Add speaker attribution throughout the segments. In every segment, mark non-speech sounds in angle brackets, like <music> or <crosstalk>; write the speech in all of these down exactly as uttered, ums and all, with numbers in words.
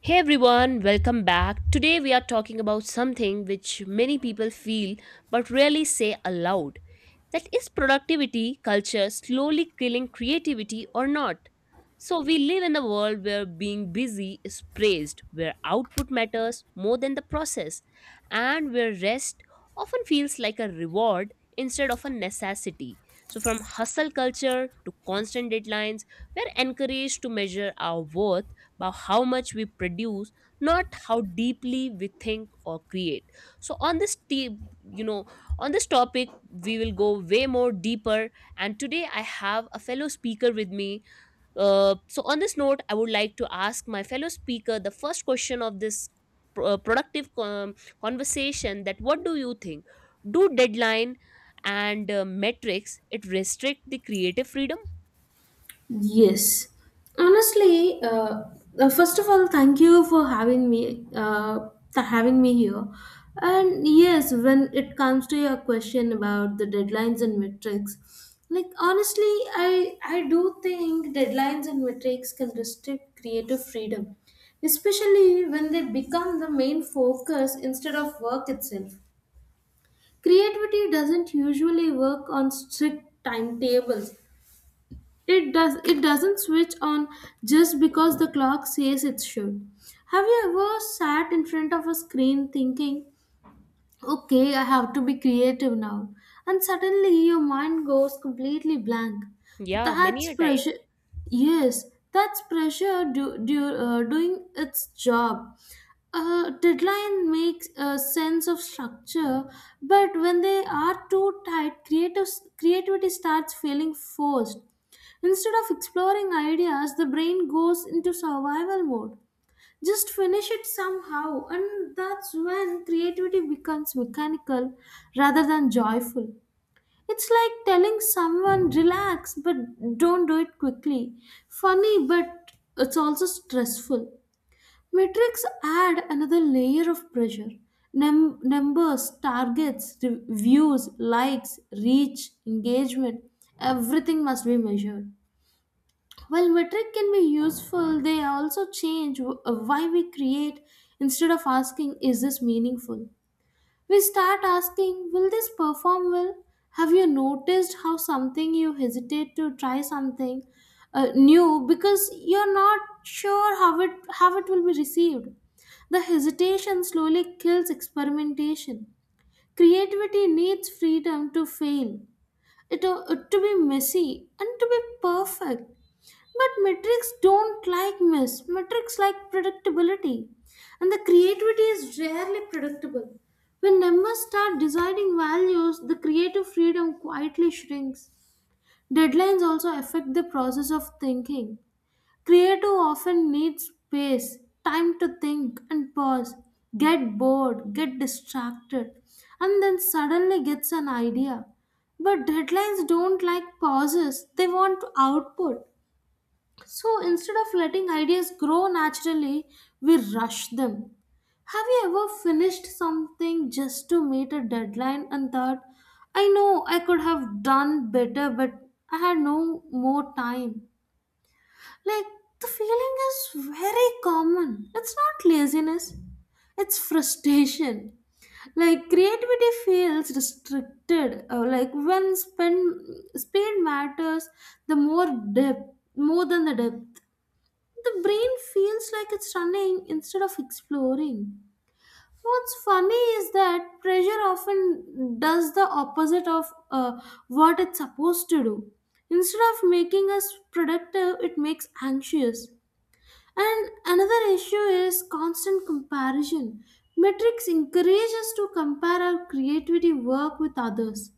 Speaker 1: Hey everyone, welcome back. Today we are talking about something which many people feel but rarely say aloud. That is productivity culture slowly killing creativity or not? So we live in a world where being busy is praised, where output matters more than the process, and where rest often feels like a reward instead of a necessity. So from hustle culture to constant deadlines, we're encouraged to measure our worth by how much we produce, not how deeply we think or create. So on this te- you know, on this topic, we will go way more deeper. And today I have a fellow speaker with me. Uh, so on this note, I would like to ask my fellow speaker the first question of this pro- uh, productive com- conversation: that what do you think, do deadline and uh, metrics it restrict the creative freedom?
Speaker 2: Yes. Honestly, uh, uh, first of all, thank you for having me, uh, th- having me here. And yes, when it comes to your question about the deadlines and metrics, like honestly, I I do think deadlines and metrics can restrict creative freedom, especially when they become the main focus instead of work itself. Creativity doesn't usually work on strict timetables. It does it doesn't switch on just because the clock says it should. Have you ever sat in front of a screen thinking, "Okay, I have to be creative now." And suddenly your mind goes completely blank.
Speaker 1: Yeah, many
Speaker 2: That's
Speaker 1: a time.
Speaker 2: pressure. Yes, that's pressure do, do, uh, doing its job. Uh, deadline makes a sense of structure, but when they are too tight, creative, creativity starts feeling forced. Instead of exploring ideas, the brain goes into survival mode, just finish it somehow, and that's when creativity becomes mechanical rather than joyful. It's like telling someone relax but don't do it quickly. Funny, but it's also stressful. Metrics add another layer of pressure. Num- numbers, targets, re- views, likes, reach, engagement, everything must be measured. While metric can be useful, they also change wh- why we create. Instead of asking, is this meaningful? We start asking, will this perform well? Have you noticed how something you hesitate to try something uh, new because you're not sure how it how it will be received? The hesitation slowly kills experimentation. Creativity needs freedom to fail, it, uh, to be messy, and to be perfect. But metrics don't like mess. Metrics like predictability. And the creativity is rarely predictable. When numbers start deciding values, the creative freedom quietly shrinks. Deadlines also affect the process of thinking. Creative often needs space, time to think and pause, get bored, get distracted, and then suddenly gets an idea. But deadlines don't like pauses, they want output. So instead of letting ideas grow naturally, we rush them. Have you ever finished something just to meet a deadline and thought, I know I could have done better, but I had no more time? Like, the feeling is very common. It's not laziness, it's frustration. Like, creativity feels restricted. Uh, like, when spend, speed matters, the more depth, more than the depth. The brain feels like it's running instead of exploring. What's funny is that pressure often does the opposite of uh, what it's supposed to do. Instead of making us productive, it makes anxious. And another issue is constant comparison. Metrics encourage us to compare our creativity work with others.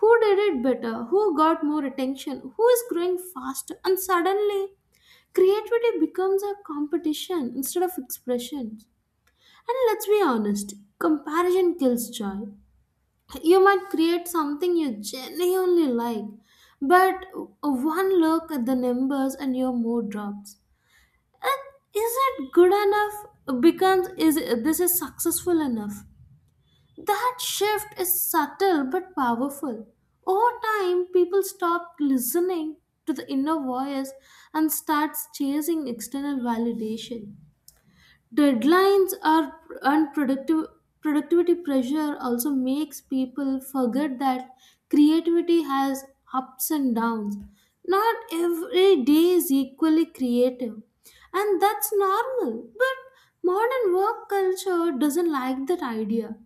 Speaker 2: Who did it better? Who got more attention? Who is growing faster? And suddenly, creativity becomes a competition instead of expression. And let's be honest, comparison kills joy. You might create something you genuinely like, but one look at the numbers and your mood drops. And is it good enough? Becomes is this is successful enough? That shift is subtle but powerful. Over time, people stop listening to the inner voice and starts chasing external validation. Deadlines are and productiv- Productivity pressure also makes people forget that creativity has ups and downs. Not every day is equally creative, and that's normal. But modern work culture doesn't like that idea,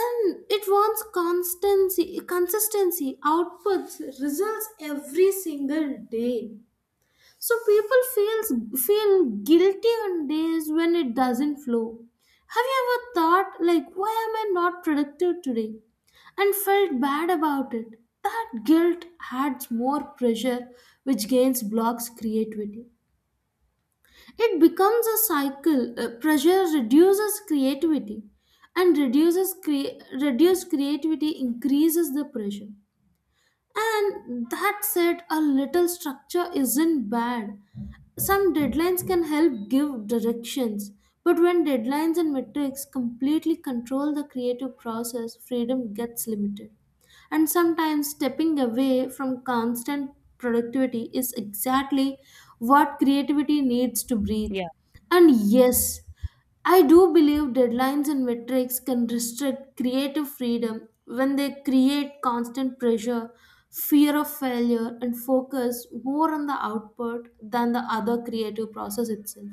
Speaker 2: and it wants constancy consistency, outputs, results every single day. So people feels feel guilty on days when it doesn't flow. Have you ever thought like why am I not productive today, and felt bad about it? That guilt adds more pressure, which gains blocks creativity. It becomes a cycle. Uh, pressure reduces creativity, and reduces cre reduced creativity increases the pressure. And that said, a little structure isn't bad, some deadlines can help give directions, but when deadlines and metrics completely control the creative process, freedom gets limited. And sometimes stepping away from constant productivity is exactly what creativity needs to breathe.
Speaker 1: Yeah.
Speaker 2: And yes, I do believe deadlines and metrics can restrict creative freedom when they create constant pressure, fear of failure, and focus more on the output than the other creative process itself.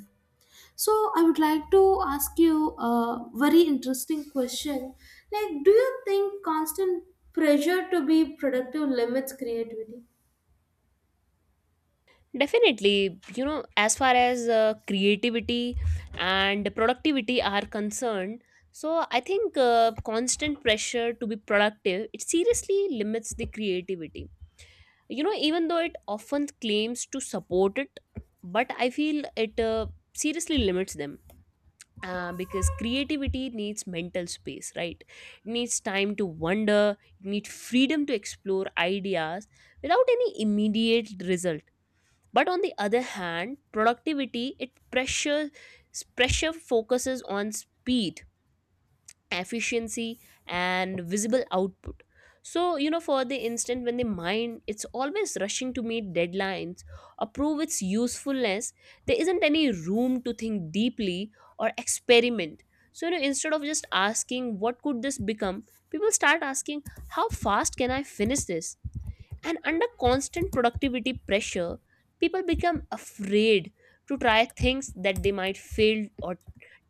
Speaker 2: So, I would like to ask you a very interesting question. Like, do you think constant pressure to be productive limits creativity?
Speaker 1: Definitely, you know, as far as uh, creativity and productivity are concerned, so I think uh, constant pressure to be productive it seriously limits the creativity. You know, even though it often claims to support it, but I feel it uh, seriously limits them. Uh, because creativity needs mental space, right? It needs time to wonder, it needs freedom to explore ideas without any immediate result. But on the other hand, productivity it pressure pressure focuses on speed, efficiency and visible output. So you know, for the instant, when the mind it's always rushing to meet deadlines or prove its usefulness, there isn't any room to think deeply or experiment. So you know, instead of just asking what could this become, people start asking how fast can I finish this. And under constant productivity pressure, people become afraid to try things that they might fail or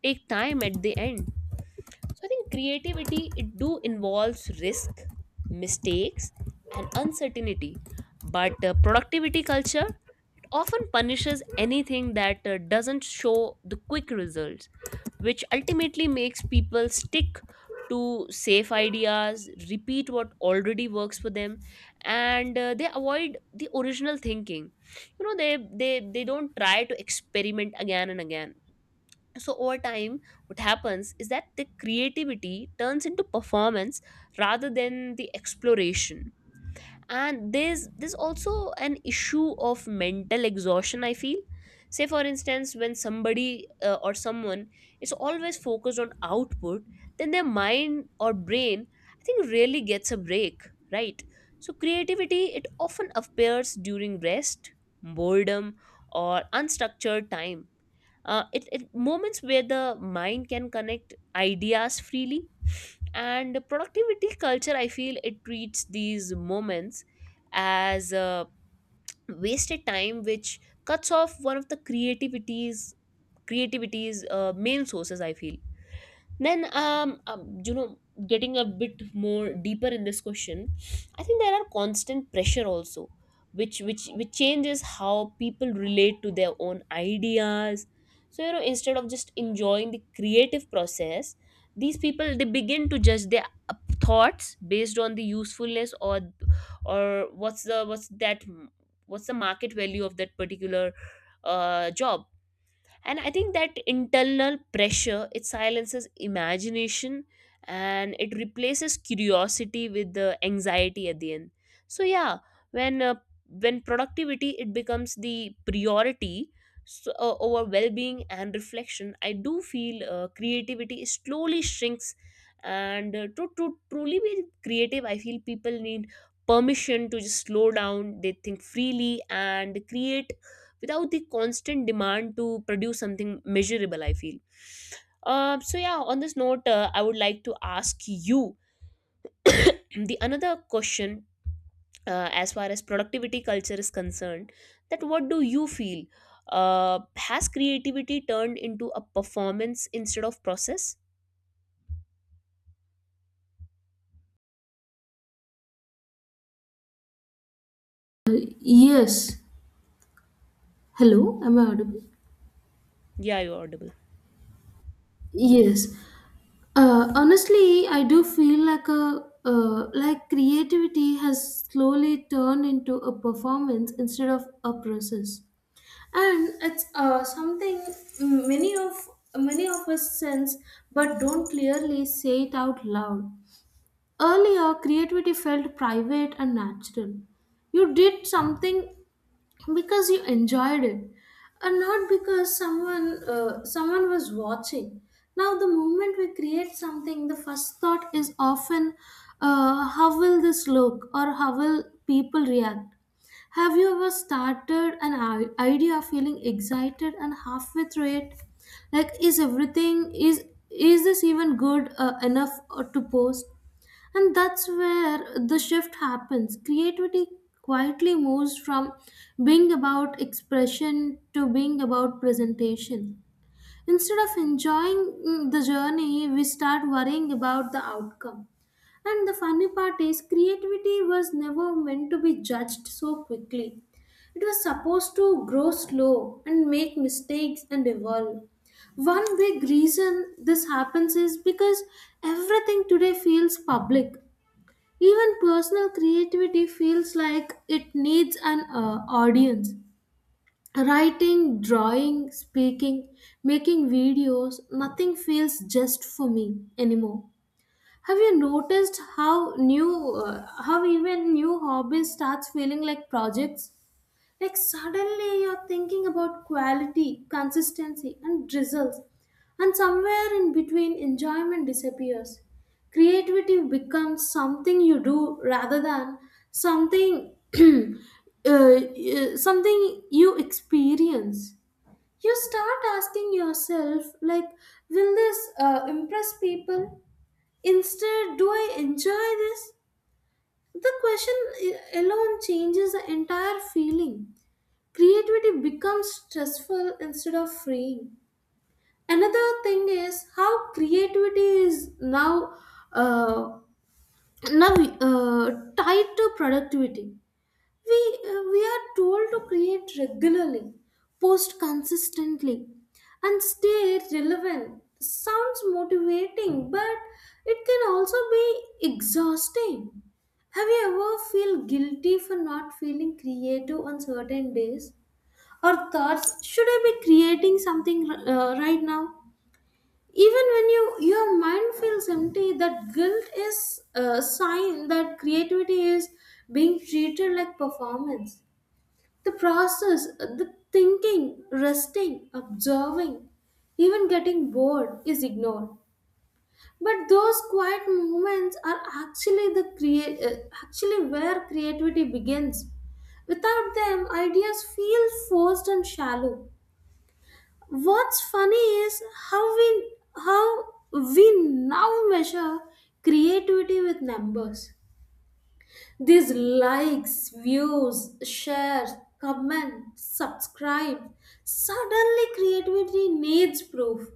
Speaker 1: take time at the end. So I think creativity it do involves risk, mistakes, and uncertainty. But uh, productivity culture often punishes anything that uh, doesn't show the quick results, which ultimately makes people stick to safe ideas, repeat what already works for them, and uh, they avoid the original thinking. You know, they they they don't try to experiment again and again. So over time, what happens is that the creativity turns into performance rather than the exploration. And there's there's also an issue of mental exhaustion, I feel. Say for instance, when somebody uh, or someone is always focused on output, then their mind or brain, I think, rarely gets a break, right? So creativity it often appears during rest, boredom or unstructured time. Uh, it, it moments where the mind can connect ideas freely. And productivity culture, I feel, it treats these moments as uh, wasted time, which cuts off one of the creativity's creativity's uh, main sources, I feel. Then, um, um, you know, getting a bit more deeper in this question, I think there are constant pressure also, which which which changes how people relate to their own ideas. So you know, instead of just enjoying the creative process, these people they begin to judge their uh, thoughts based on the usefulness, or or what's the what's that what's the market value of that particular uh, job. And I think that internal pressure it silences imagination and it replaces curiosity with the anxiety at the end. So yeah, when uh, when productivity it becomes the priority, so, uh, over well-being and reflection, I do feel uh, creativity slowly shrinks. And uh, to, to truly be creative, I feel people need permission to just slow down, they think freely and create without the constant demand to produce something measurable, I feel. Uh, so yeah, on this note, uh, I would like to ask you the another question. Uh, as far as productivity culture is concerned, that what do you feel, uh, has creativity turned into a performance instead of process?
Speaker 2: Yes. Hello, am I audible?
Speaker 1: Yeah, you're audible.
Speaker 2: Yes. Uh, honestly, I do feel like a uh, like creativity has slowly turned into a performance instead of a process, and it's uh, something many of many of us sense but don't clearly say it out loud. Earlier, creativity felt private and natural. You did something because you enjoyed it and not because someone uh, someone was watching. Now the moment we create something, the first thought is often uh, how will this look or how will people react. Have you ever started an i- idea feeling excited and halfway through it, like is everything, is is this even good uh, enough uh, to post? And that's where the shift happens. Creativity quietly moves from being about expression to being about presentation. Instead of enjoying mm, the journey, we start worrying about the outcome. And the funny part is, creativity was never meant to be judged so quickly. It was supposed to grow slow and make mistakes and evolve. One big reason this happens is because everything today feels public. Even personal creativity feels like it needs an uh, audience. Writing, drawing, speaking, making videos, nothing feels just for me anymore. Have you noticed how new, uh, how even new hobbies starts feeling like projects? Like suddenly you're thinking about quality, consistency, and results, and somewhere in between, enjoyment disappears. Creativity becomes something you do rather than something <clears throat> uh, uh, something you experience. You start asking yourself, like, will this uh, impress people? Instead, do I enjoy this? The question i- alone changes the entire feeling. Creativity becomes stressful instead of freeing. Another thing is how creativity is now uh, now uh, tied to productivity. We uh, we are told to create regularly, post consistently, and stay relevant. Sounds motivating, but it can also be exhausting. Have you ever feel guilty for not feeling creative on certain days? Or thoughts should I be creating something uh, right now, even when you your mind feels empty? That guilt is a sign that creativity is being treated like performance. The process, the thinking, resting, observing, even getting bored is ignored. But those quiet moments are actually the create uh, actually where creativity begins. Without them, ideas feel forced and shallow. What's funny is how we how we now measure creativity with numbers. These likes, views, shares, comments, subscribe. Suddenly creativity needs proof.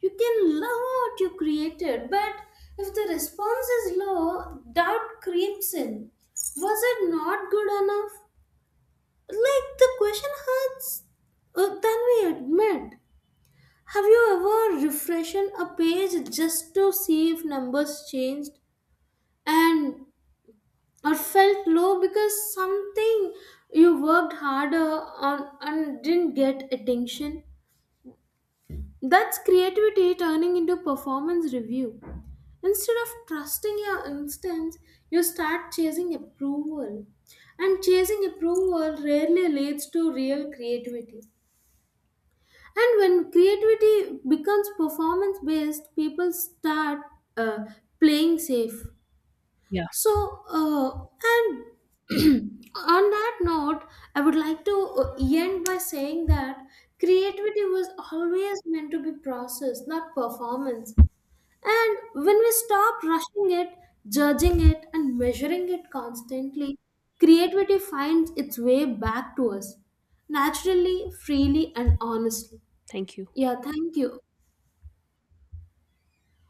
Speaker 2: You can love what you created, but if the response is low, doubt creeps in. Was it not good enough? Like the question hurts uh, than we admit. Have you ever refreshed a page just to see if numbers changed, and or felt low because something you worked harder on and didn't get attention? That's creativity turning into performance review. Instead of trusting your instincts, you start chasing approval. And chasing approval rarely leads to real creativity. And when creativity becomes performance based, people start uh, playing safe.
Speaker 1: Yeah.
Speaker 2: So, uh, and <clears throat> on that note, I would like to uh, end by saying that creativity was always meant to be process, not performance. And when we stop rushing it, judging it, and measuring it constantly, creativity finds its way back to us naturally, freely, and honestly.
Speaker 1: Thank you.
Speaker 2: Yeah, thank you.